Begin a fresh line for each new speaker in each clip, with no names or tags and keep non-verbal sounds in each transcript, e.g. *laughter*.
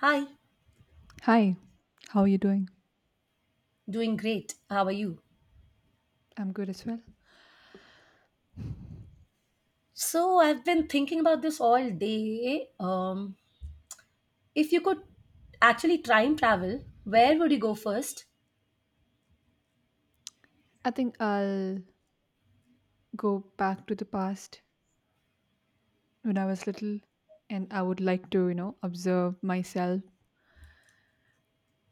Hi,
Hi, how are you doing?
doing great. How are you?
I'm good as well.
So, I've been thinking about this all day. If you could actually time travel, where would you go first?
I think I'll go back to the past when I was little and I would like to, you know, observe myself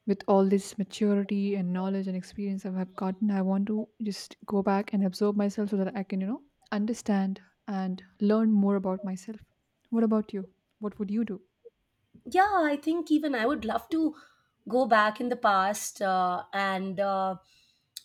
with all this maturity and knowledge and experience I have gotten. I want to just go back and absorb myself so that I can, you know, understand and learn more about myself. What about you? What would you do?
Yeah, I think even I would love to go back in the past uh, and uh,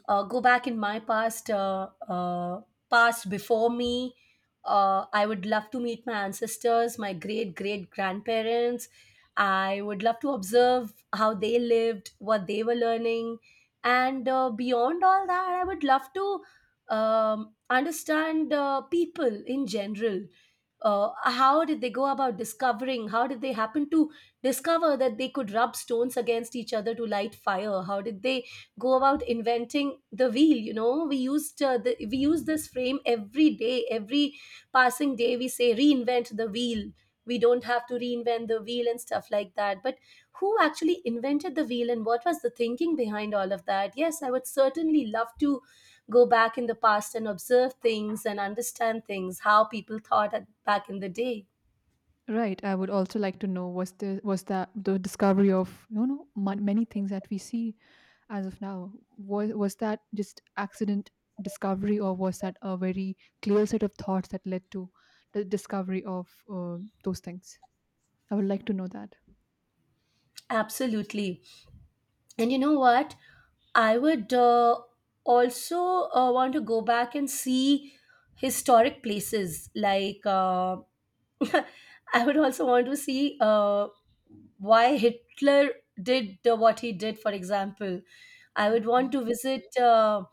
uh, go back in my past, past before me. I would love to meet my ancestors, my great great grandparents. I would love to observe how they lived, what they were learning, and beyond all that I would love to understand people in general. How did they go about discovering, how did they happen to discover that they could rub stones against each other to light fire? How did they go about inventing the wheel? You know, we used we use this frame every day, every passing day. We say reinvent the wheel, we don't have to reinvent the wheel and stuff like that. But who actually invented the wheel, and what was the thinking behind all of that? Yes, I would certainly love to go back in the past and observe things and understand things, how people thought back in the day.
Right. I would also like to know, was that the discovery of, you know, many things that we see as of now, was that just accident discovery, or was that a very clear set of thoughts that led to the discovery of those things? I would like to know that.
Absolutely. And you know what? I would also want to go back and see historic places. Like, *laughs* I would also want to see why Hitler did what he did, for example. I would want
Okay.
to visit.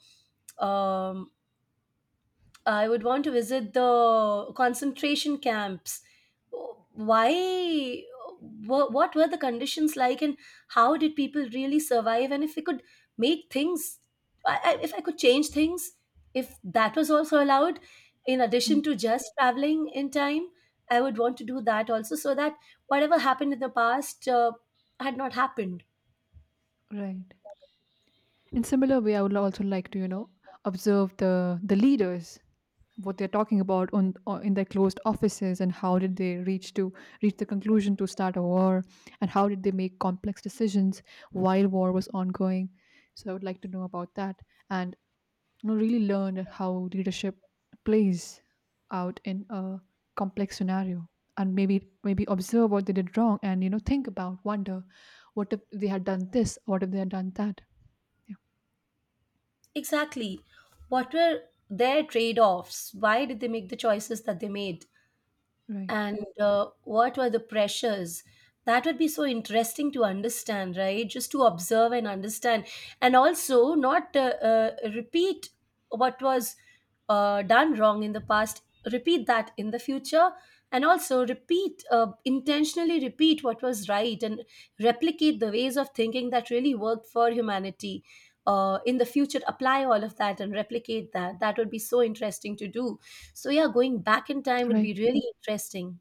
um I would want to visit the concentration camps. Why? What were the conditions like, and how did people really survive? And if we could make things, if I could change things, if that was also allowed, in
Mm.
addition to just traveling in time, I would want to do that also, so that whatever happened in the past had not happened.
Right. In similar way, I would also like to, you know, observe the leaders, what they're talking about on in their closed offices, and how did they reach the conclusion to start a war, and how did they make complex decisions while war was ongoing. So I would like to know about that, and, you know, really learn how leadership plays out in a complex scenario, and maybe observe what they did wrong and, you know, think about wonder what if they had done this, what if they had done that. Yeah.
Exactly. What were their trade offs? Why did they make the choices that they made?
Right,
And what were the pressures? That would be so interesting to understand, right? Just to observe and understand, and also not repeat what was done wrong in the past, repeat that in the future, and also repeat, intentionally repeat what was right, and replicate the ways of thinking that really worked for humanity. In the future, apply all of that and replicate that. That would be so interesting to do. So yeah, going back in time would
right.
be really interesting.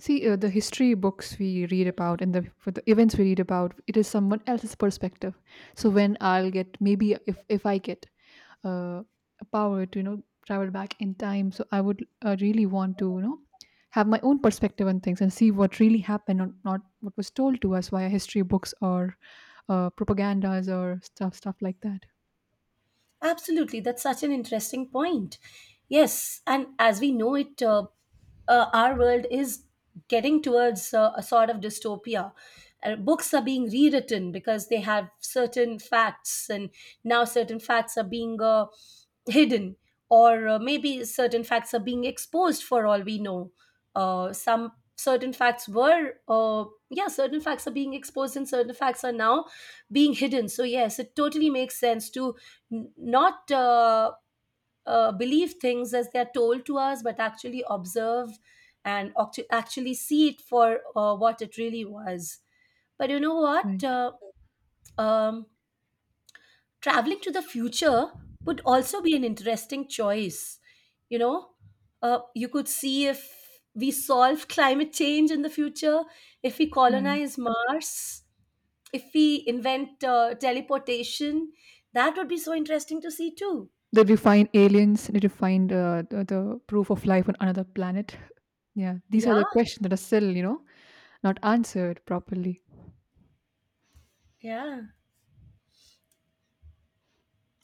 See, the history books we read about and for the events we read about, it is someone else's perspective. So when I'll get, maybe if I get uh, a power to, you know, travel back in time, so I would really want to, you know, have my own perspective on things and see what really happened or not, what was told to us via history books or propagandas or stuff like that.
Absolutely, that's such an interesting point. Yes, and as we know it, our world is getting towards a sort of dystopia. Books are being rewritten because they have certain facts, and now certain facts are being hidden, or maybe certain facts are being exposed, for all we know. Some certain facts yeah, certain facts are being exposed, and certain facts are now being hidden. So yes, it totally makes sense to not believe things as they're told to us, but actually observe and actually see it for what it really was. But you know what?
Right,
Um, Traveling to the future would also be an interesting choice. You know, you could see if we solve *laughs* climate change in the future, if we
right.
colonize Mars, if we invent teleportation. That would be so interesting to see too.
They you find aliens? They you find the proof of life on another planet? Yeah, these
Yeah.
are the questions that are still, you know, not answered properly.
Yeah.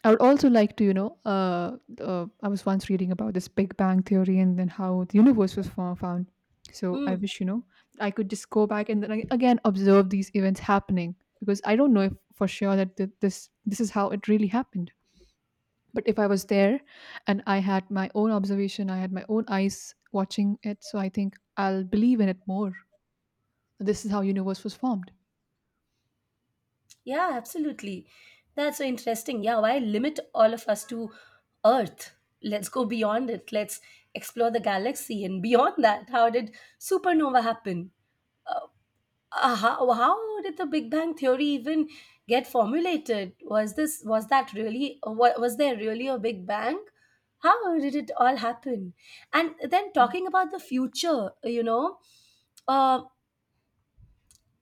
I would also like to, you know, I was once reading about this Big Bang theory and then how the universe was found. So I
Mm.
wish, you know, I could just go back and then again observe these events happening, because I don't know if for sure that this this is how it really happened. But if I was there and I had my own observation, I had my own eyes watching it, so I think I'll believe in it more. This is how universe was formed.
Yeah, absolutely. That's so interesting. Yeah, why limit all of us to Earth? Let's go beyond it. Let's explore the galaxy and beyond that. How did supernova happen? Uh, how did the Big Bang theory even get formulated? Was that really, was there really a Big Bang? How did it all happen? And then talking about the future, you know, uh,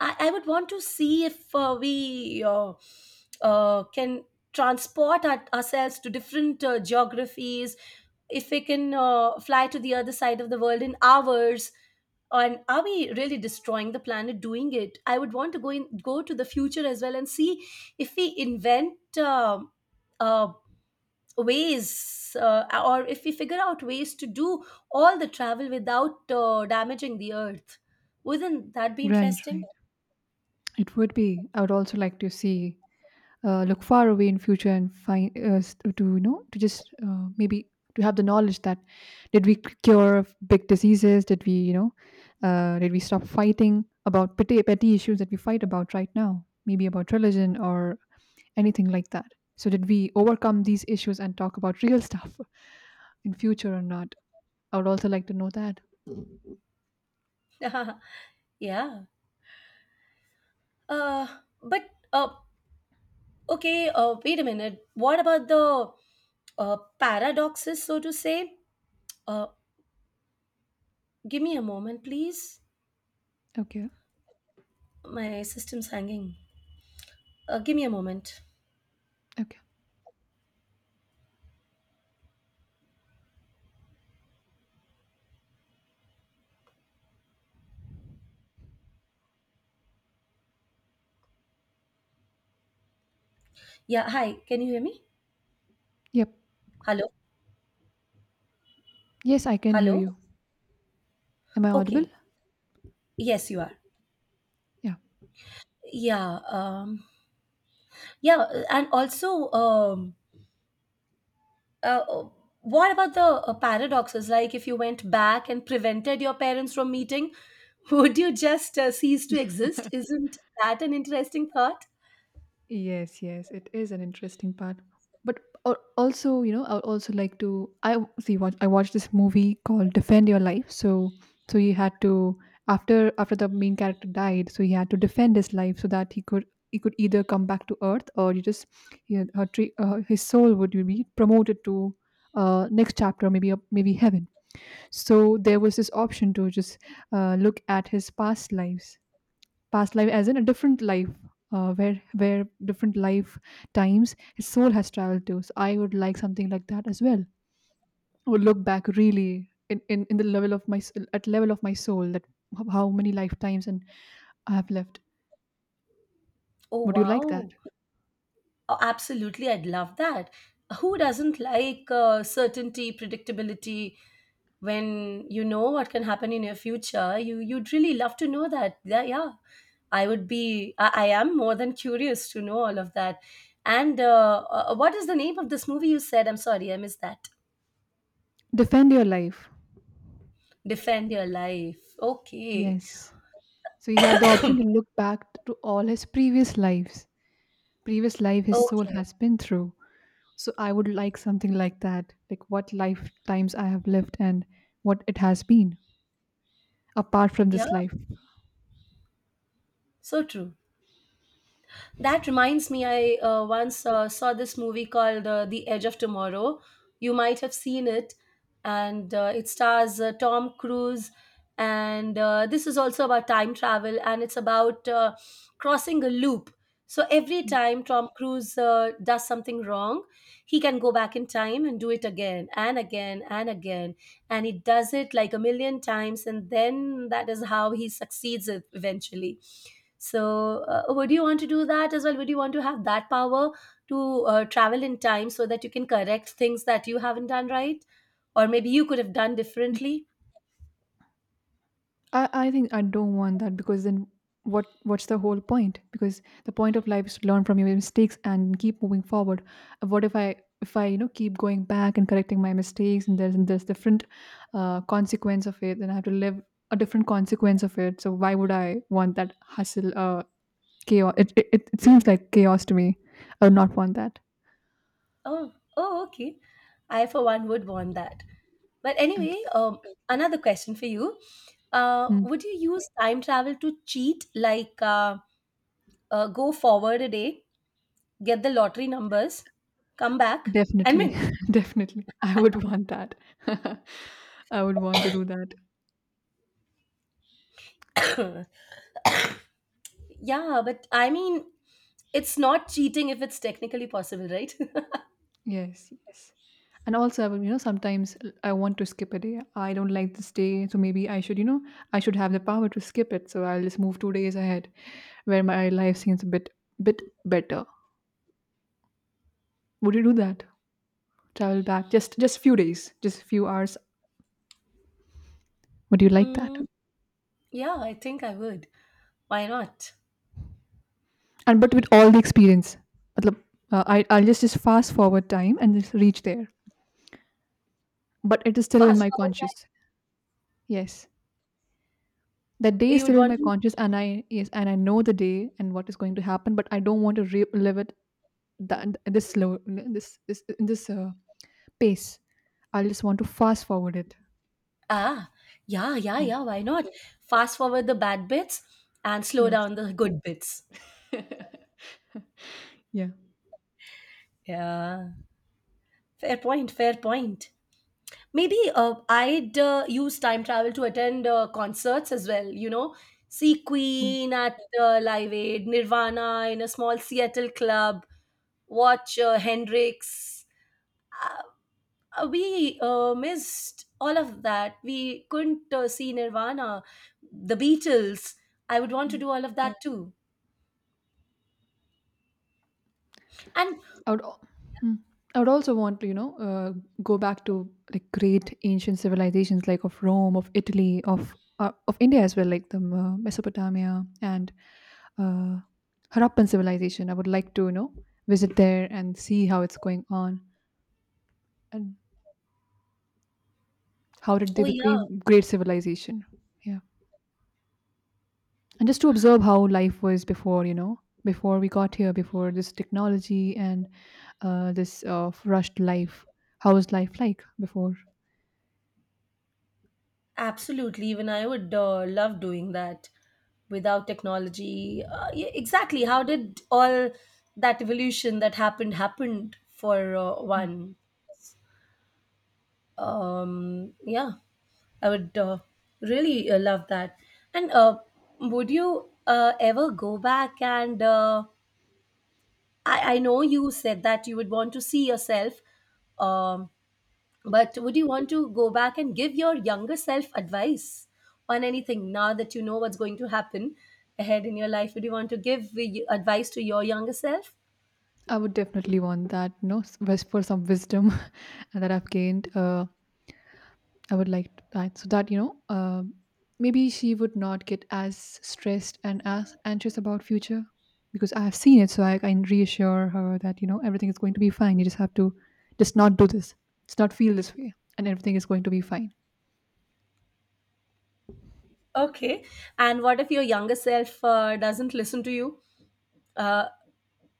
I would want to see if we can transport ourselves to different geographies, if we can fly to the other side of the world in hours. And are we really destroying the planet doing it? I would want to go to the future as well and see if we invent uh, ways, or if we figure out ways to do all the travel without damaging the earth. Wouldn't that be
Right,
interesting?
right. It would be. I would also like to see, look far away in future and find s- to you know, to just maybe to have the knowledge that did we cure big diseases, did we, you know, did we stop fighting about petty, petty issues that we fight about right now, maybe about religion or anything like that? So did we overcome these issues and talk about real *laughs* stuff in future or not? I would also like to know that.
*laughs* Yeah. Uh, but okay. Wait a minute. What about the paradoxes, so to say? Uh, give me a moment, please.
Okay.
My system's hanging. Give me a moment.
Okay.
Yeah. Hi. Can you hear me?
Yep.
Hello.
Yes, I can hear
Hello.
you. Am I audible?
Okay. Yes, you are.
Yeah.
Yeah. Yeah. And also, uh, what about the paradoxes? Like, if you went back and prevented your parents from meeting, *laughs* would you just cease to exist? Isn't that an interesting thought?
Yes, yes, it is an interesting part. But also, you know, I would also like to. I see. I watched this movie called "Defend Your Life." So, so he had to, after the main character died. So he had to defend his life so that he could, he could either come back to Earth or you just, he, had- her tree, his soul would be promoted to next chapter, maybe maybe heaven. So there was this option to just look at his past lives, past life as in a different life, where different life times his soul has traveled to. So I would like something like that as well. I would look back really in the level of my s- at level of my soul, that how many lifetimes and I have left.
Oh,
Would you like that?
wow. Oh, absolutely. I'd love that. Who doesn't like certainty, predictability, when you know what can happen in your future? You'd really love to know that. Yeah, yeah. I would be, I am more than curious to know all of that. And what is the name of this movie you said? I'm sorry, I missed that.
Defend your life.
Defend your life. Okay.
Yes. So he had the option to look back to all his previous lives, previous life his soul
Okay.
has been through. So I would like something like that, like what lifetimes I have lived and what it has been, apart from
Yeah.
this life.
So true. That reminds me, I once saw this movie called The Edge of Tomorrow. You might have seen it, and it stars Tom Cruise. And this is also about time travel, and it's about crossing a loop. So every time Tom Cruise does something wrong, he can go back in time and do it again and again and again. And he does it like a million times, and then that is how he succeeds eventually. So, would you want to do that as well? Would you want to have that power to travel in time so that you can correct things that you haven't done right? Or maybe you could have done differently?
I think I don't want that, because then what's the whole point? Because the point of life is to learn from your mistakes and keep moving forward. What if I, if I, you know, keep going back and correcting my mistakes, and there's, and there's different consequence of it, then I have to live a different consequence of it. So why would I want that hustle? Chaos. It seems like chaos to me. I would not want that.
Oh, oh, okay. I, for one, would want that. But anyway,
Okay.
another question for you.
Hmm.
Would you use time travel to cheat, like go forward a day, get the lottery numbers, come back, and
Definitely.
win?
*laughs* Definitely, I would want that. *laughs* I would want to do that.
*coughs* Yeah, but I mean, it's not cheating if it's technically possible, right?
Yes, yes. And also, I would, you know, sometimes I want to skip a day. I don't like this day, so maybe I should, you know, I should have the power to skip it. So I'll just move 2 days ahead, where my life seems a bit, bit better. Would you do that? Travel back just few days, just few hours. Would you like that?
Mm, yeah, I think I would. Why not?
And but with all the experience, matlab, I I'll just fast forward time and just reach there. But it is still in
Fast
my
forward
conscious. Yes. That day
that
is
you'd
still in
want
my
to
conscious, and I, yes, and I know the day and what is going to happen, but I don't want to relive it, that this slow, this pace. I just want to fast forward it.
ah yeah yeah
Yeah.
yeah why not? Fast forward the bad bits and slow
Yes.
down the good bits.
Yeah.
Yeah, fair point. Fair point. Maybe I'd use time travel to attend concerts as well. You know, see
Mm.
Queen at Live Aid, Nirvana in a small Seattle club, watch Hendrix. We missed all of that. We couldn't see Nirvana, the Beatles. I would want to
Mm.
do all of that too. And
I would. Mm. I would also want to, you know, go back to like great ancient civilizations like of Rome, of Italy, of India as well, like the Mesopotamia and uh, Harappan civilization. I would like to, you know, visit there and see how it's going on. And how did they
oh, yeah,
become great civilization? Yeah. And just to observe how life was before, you know, before we got here, before this technology and this rushed life. How was life like before?
absolutely. Even I would love doing that without technology. Yeah, exactly. How did all that evolution that happened happened for one? Yeah, I would really love that. And would you ever go back and I know you said that you would want to see yourself, um, but would you want to go back and give your younger self advice on anything now that you know what's going to happen ahead in your life? Would you want to give advice to your younger self?
I would definitely want that, you know, for some wisdom *laughs* that I've gained. I would like that, so that, you know, maybe she would not get as stressed and as anxious about future, because I have seen it. So I can reassure her that, you know, everything is going to be fine. You just have to just not do this, just not feel this way, and everything is going to be fine.
Okay. And what if your younger self doesn't listen to you? Uh,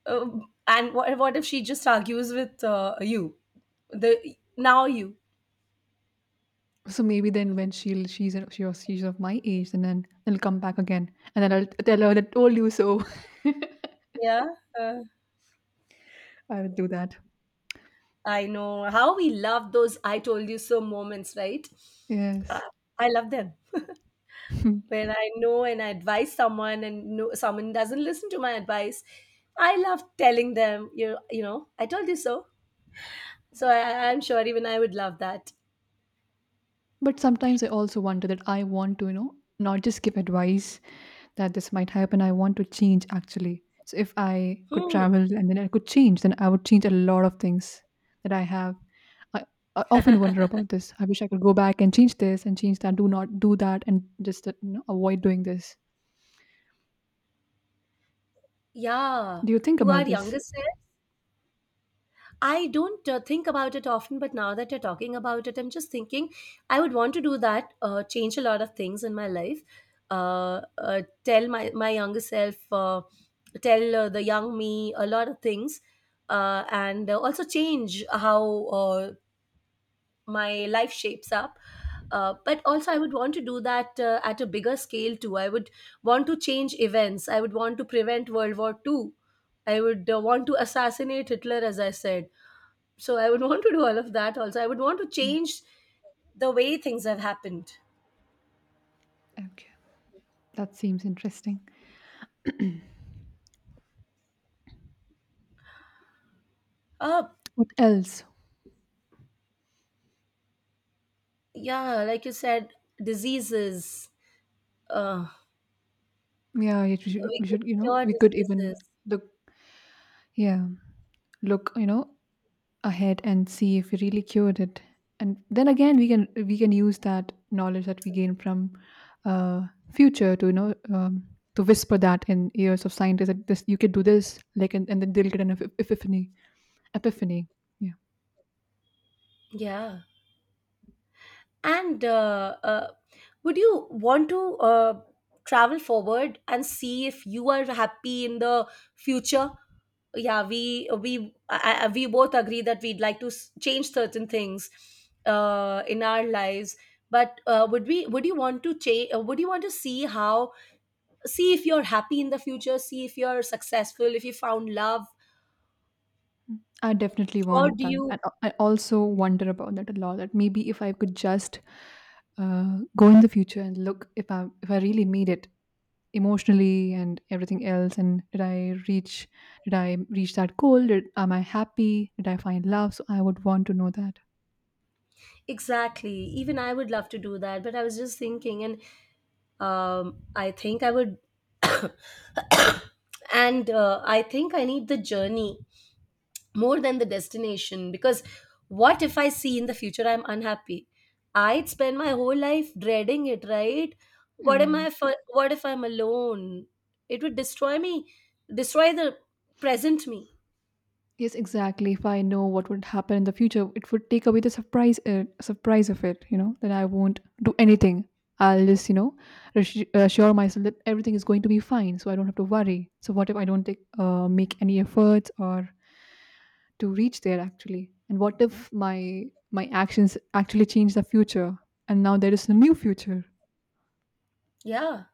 and what if she just argues with you, the now you?
So maybe then when she'll, she's she or she's of my age, and then it'll come back again, and then I'll tell her that told you so.
Yeah. Uh,
*laughs* I would do that.
I know how we love those I told you so moments, right? Uh,
Yes.
I love them.
*laughs*
When I know and I advise someone and no, someone doesn't listen to my advice, I love telling them, you know, I told you so. So I'm sure even I would love that.
But sometimes I also wonder that I want to, you know, not just give advice that this might happen. I want to change actually. So if I could
Hmm.
travel and then I could change, then I would change a lot of things that I have. I, I often wonder about this. I wish I could go back and change this and change that. Do not do that, and just you know, avoid doing this.
Yeah.
Do you think
To
about
our
this?
youngest I don't think about it often, but now that you're talking about it, I'm just thinking I would want to do that, change a lot of things in my life. Tell my younger self, tell the young me a lot of things, and also change how my life shapes up. But also, I would want to do that at a bigger scale too. I would want to change events. I would want to prevent World War Two. I would want to assassinate Hitler, as I said. So I would *laughs* want to do all of that also. I would want to change the way things have happened.
Okay, that seems interesting.
Oh,
What else?
yeah, like you said, diseases. Uh,
Yeah, you should,
we
we
could
should, you know,
cure
we could even
diseases.
look. Yeah, look, you know, ahead and see if we really cured it. And then again, we can use that knowledge that we gain from uh, future to, you know, to whisper that in ears of scientists, that this, you could do this, like, and then they'll get an epiphany. Epiphany. Yeah.
Yeah. And would you want to travel forward and see if you are happy in the future? Yeah, we both agree that we'd like to change certain things in our lives but would you want to see how, see if you're happy in the future, see if you're successful, if you found love,
I definitely
or
want
do
that.
you.
And I also wonder about that a lot. That maybe if I could just go in the future and look if I really made it emotionally and everything else, and did I reach, did I reach that goal? Did, am I happy? Did I find love? So I would want to know that.
Exactly. Even I would love to do that, but I was just thinking. And I think I would, *coughs* and I think I need the journey more than the destination, because what if I see in the future I'm unhappy? I'd spend my whole life dreading it, right? What am
Right.
I for? What if I'm alone? It would destroy me, destroy the present me.
Yes, exactly. If I know what would happen in the future, it would take away the surprise, surprise of it. You know, then I won't do anything. I'll just, you know, assure myself that everything is going to be fine, so I don't have to worry. So what if I don't take, make any efforts or to reach there actually? And what if my, my actions actually change the future, and now there is a new future?
Yeah,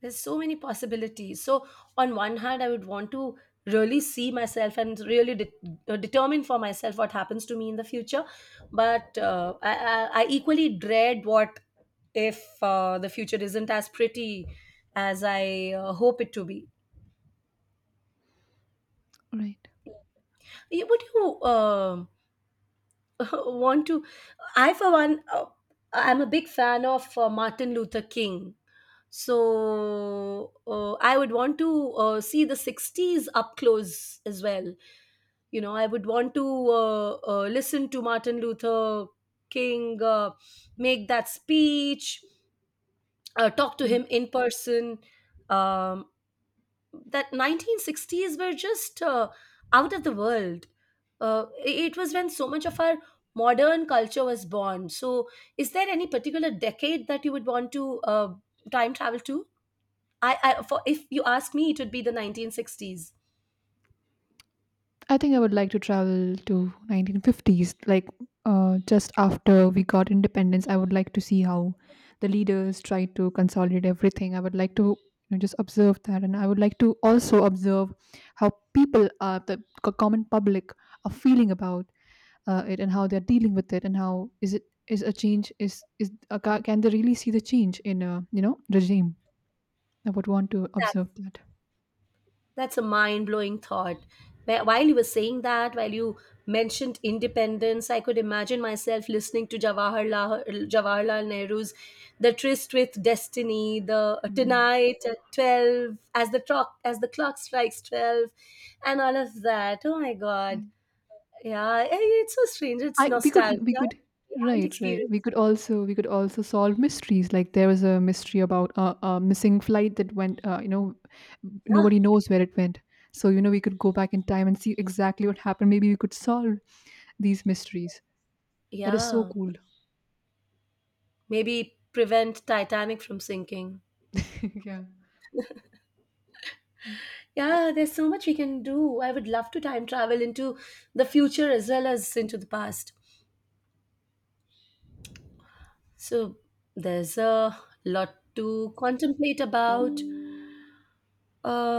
there's so many possibilities. So on one hand I would want to really see myself and really determine for myself what happens to me in the future. But I equally dread what if the future isn't as pretty as I hope it to be.
Right.
Would you *laughs* want to? I, for one, I'm a big fan of Martin Luther King. So I would want to see the 60s up close as well. You know, I would want to listen to Martin Luther King make that speech, talk to
Right.
him in person. Um, that 1960s were just out of the world. It was when so much of our modern culture was born. So, is there any particular decade that you would want to time travel to? I For, if you ask me, it would be the 1960s.
I think I would like to travel to 1950s, like just after we got independence. I would like to see how the leaders tried to consolidate everything. I would like to just observe that, and I would like to also observe how people are common public are feeling about it, and how they're dealing with it, and how is it, is a change, can they really see the change in a, regime? I would want to
That's
observe that.
that's a mind blowing thought. While you were saying that, while you mentioned independence, I could imagine myself listening to Jawaharlal Nehru's "The Tryst with Destiny," the
Exactly.
"Tonight at 12," as the clock strikes 12, and all of that. Oh my God! Yeah, eh, it's so strange. It's
I we
nostalgia.
could
We haven't
right, right,
experienced.
we could also solve mysteries. Like, there was a mystery about a missing flight that went,
Yeah,
nobody knows where it went. So, you know, we could go back in time and see exactly what happened. Maybe we could solve these mysteries. That is so
yeah.
cool.
Maybe prevent Titanic from sinking.
*laughs* Yeah.
Yeah, there's so much we can do. I would love to time travel into the future as well as into the past. So there's a lot to contemplate about.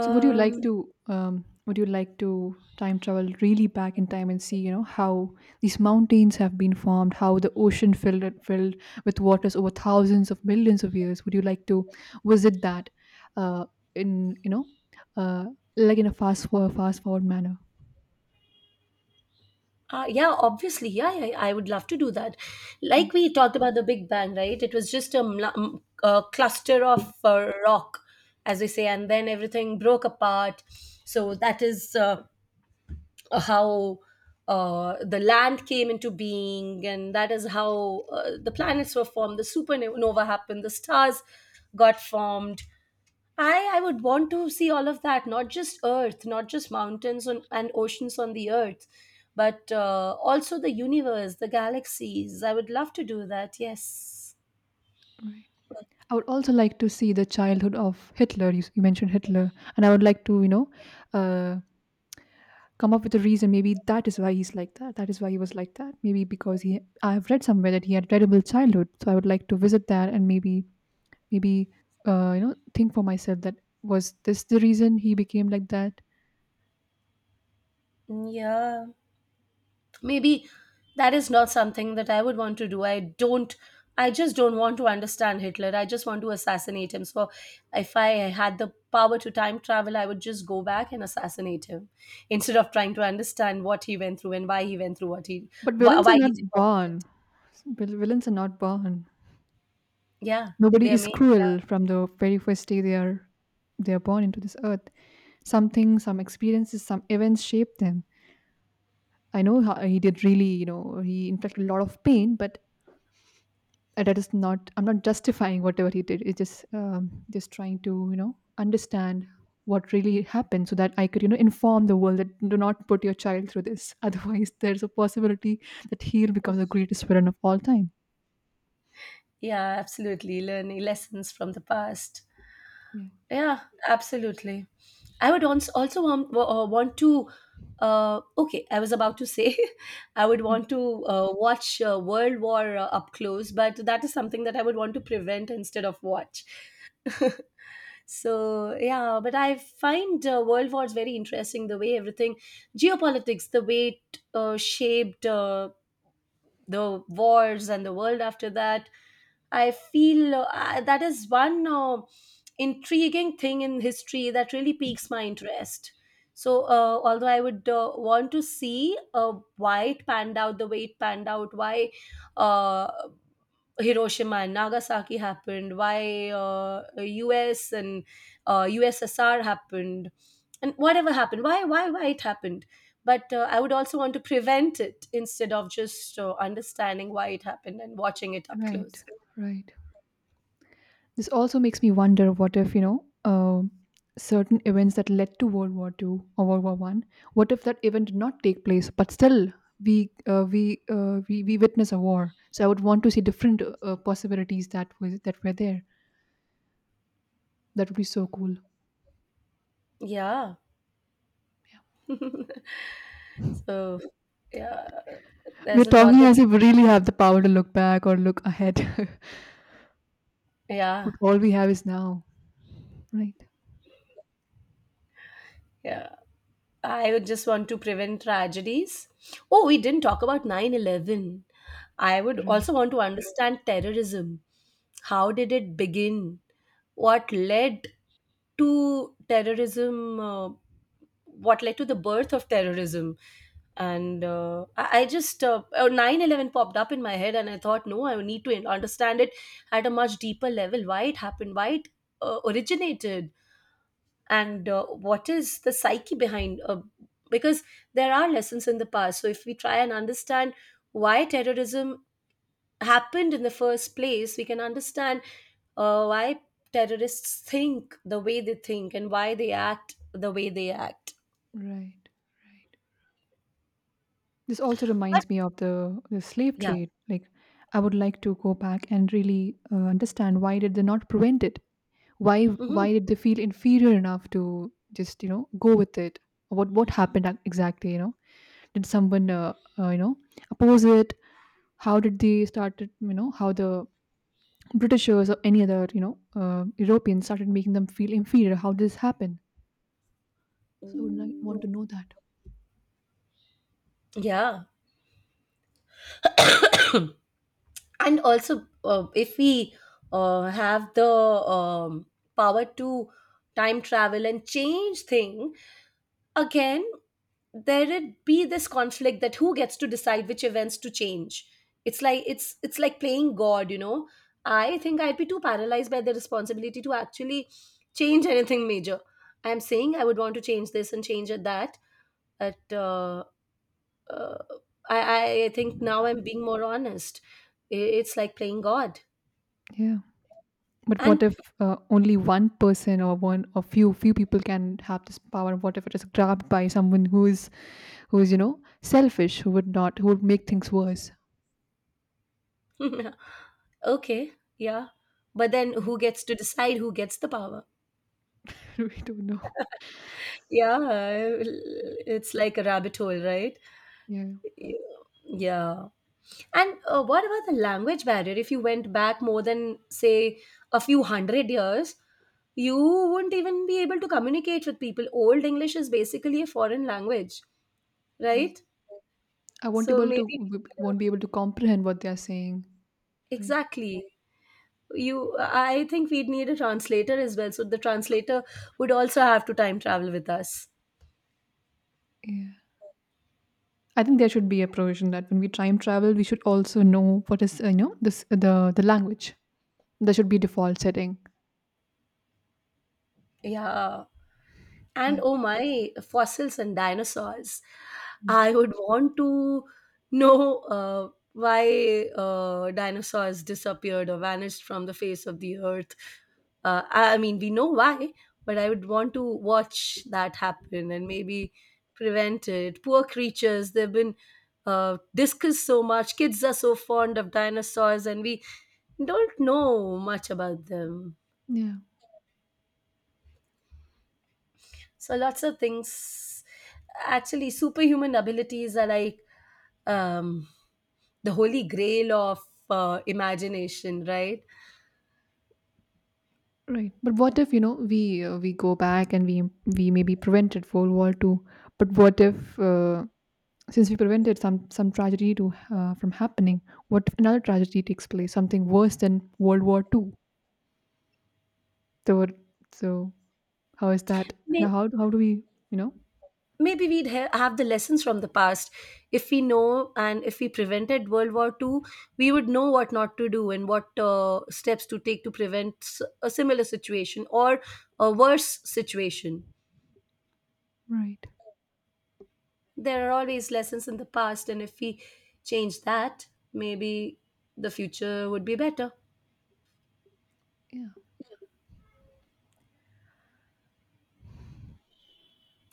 So would you like to, would you like to time travel really back in time and see, you know, how these mountains have been formed, how the ocean filled with waters over thousands of millions of years? Would you like to visit that, uh, in you know uh, like in a fast forward manner?
yeah, obviously, yeah, yeah, I would love to do that.
Mm.
Like we talked about the Big Bang, right? It was just a, a cluster of rock, as we say, and then everything broke apart. So that is how the land came into being, and that is how the planets were formed, the supernova happened, the stars got formed. I would want to see all of that, not just Earth, not just mountains on, and oceans on the Earth, but also the universe, the galaxies. I would love to do that, yes.
Right. I would also like to see the childhood of Hitler. You mentioned Hitler, and I would like to, uh, come up with a reason. Maybe that is why he's like that, is why he was like that. Maybe because he I have read somewhere that he had a terrible childhood, so I would like to visit that. And Maybe, you know, think for myself that, was this the reason he became like that?
Yeah. Maybe that is not something that I would want to do. I don't, I just don't want to understand Hitler. I just want to assassinate him. So if I had the power to time travel, I would just go back and assassinate him instead of trying to understand what he went through and why he went through what he,
But villains are
why he did
not
what he
born
did.
Villains are not born.
Yeah,
Nobody
they are
is
made.
cruel from the very first day. They are born into this earth. Something, some experiences, some events shape them. I know how he did, really, you know, he inflicted a lot of pain. But that is not, I'm not justifying whatever he did. It's just, just trying to, you know, understand what really happened, so that I could, you know, inform the world that do not put your child through this. *laughs* Otherwise, there's a possibility that he'll become the greatest villain of all time.
Yeah, yeah, absolutely. Learning lessons from the past.
Yeah.
Yeah, absolutely. I would also want to. Okay, I was about to say *laughs* I would want to watch World War up close, but that is something that I would want to prevent instead of watch. *laughs* so yeah, but I find World Wars very interesting. The way everything, geopolitics, the way it shaped. The wars and the world after that, I feel that is one intriguing thing in history that really piques my interest. So although I would want to see why it panned out the way it panned out, why uh, Hiroshima and Nagasaki happened, why US and USSR happened, and whatever happened, why it happened. But I would also want to prevent it instead of just understanding why it happened and watching it
Hmm.
up
Right,
close.
right. This also makes me wonder, what if, you know, certain events that led to World War Two or World War One, what if that event did not take place, but still we witness a war. So I would want to see different possibilities that was that were there. That would be so cool.
Yeah. *laughs* so, yeah,
We're
there's a lot
talking
that,
as if we really have the power to look back or look ahead, *laughs* but
yeah,
all we have is now. Right.
yeah. I would just want to prevent tragedies. Oh, we didn't talk about 9/11. I would
Right.
also want to understand terrorism. How did it begin? What led to terrorism? What led to the birth of terrorism? And I just oh, 9/11 popped up in my head, and I thought, no, I need to understand it at a much deeper level. Why it happened? Why it originated? And what is the psyche behind because there are lessons in the past. So if we try and understand why terrorism happened in the first place, we can understand why terrorists think the way they think and why they act the way they act.
Right. Right. This also
But
reminds me of the slave
yeah,
trade. Like, I would like to go back and really, understand, why did they not prevent it?
hmm,
Why did they feel inferior enough to just, you know, go with it? What happened exactly? You know, did someone, uh, you know oppose it? How did they started? You know, how the Britishers or any other, you know, Europeans started making them feel inferior? How did this happen? So I would want to know that.
yeah. *coughs* and also if we have the power to time travel and change thing, again, there would be this conflict that who gets to decide which events to change. It's like, it's like playing god, you know. I think I'd be too paralyzed by the responsibility to actually change anything major. I'm saying I would want to change this and change at that at uh, I think now I'm being more honest. It's like playing God.
Yeah. But
And
what if, only one person or one or few people can have this power? What if it is grabbed by someone who is, you know, selfish, who would not, who would make things worse?
*laughs* okay, yeah. But then who gets to decide who gets the power?
*laughs* We don't know.
Yeah, it's like a rabbit hole, right?
Yeah,
Yeah. And what about the language barrier? If you went back more than, say, a few hundred years, you wouldn't even be able to communicate with people. Old English is basically a foreign language,
right.
right?
I won't
So
able to,
maybe.
won't be able to comprehend what they are saying. Right.
Exactly. You, I think we'd need a translator as well. So the translator would also have to time travel with us.
Yeah. I think there should be a provision that when we time travel, we should also know what is, this, the language. There should be default setting.
Yeah.
Yeah.
And oh my, fossils and dinosaurs. I
Mm.
would want to know why dinosaurs disappeared or vanished from the face of the earth. I mean, we know why, but I would want to watch that happen and maybe prevent it. Poor creatures, they've been discussed so much. Kids are so fond of dinosaurs, and we don't know much about them.
Yeah.
So lots of things, actually superhuman abilities are like um, the holy grail of imagination, right?
Right, but what if, you know, we go back and we maybe prevented World War Two, but what if, since we prevented some tragedy to from happening, what if another tragedy takes place, something worse than World War Two? So so how is that? And
May-
how do we, you know?
Maybe we'd have the lessons from the past. If we know, and if we prevented World War II, we would know what not to do and what steps to take to prevent a similar situation or a worse situation.
Right.
There are always lessons in the past, and if we change that, maybe the future would be better.
Yeah,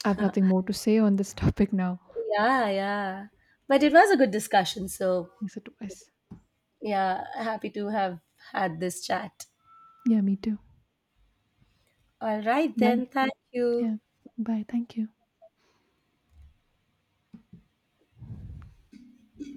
I have nothing more to say on this *laughs* topic now.
Yeah, yeah. But it was a good discussion. So,
Yes, it was.
yeah, happy to have had this chat.
Yeah, me too.
All right, then.
Bye.
Thank you.
Yeah, bye. Thank you.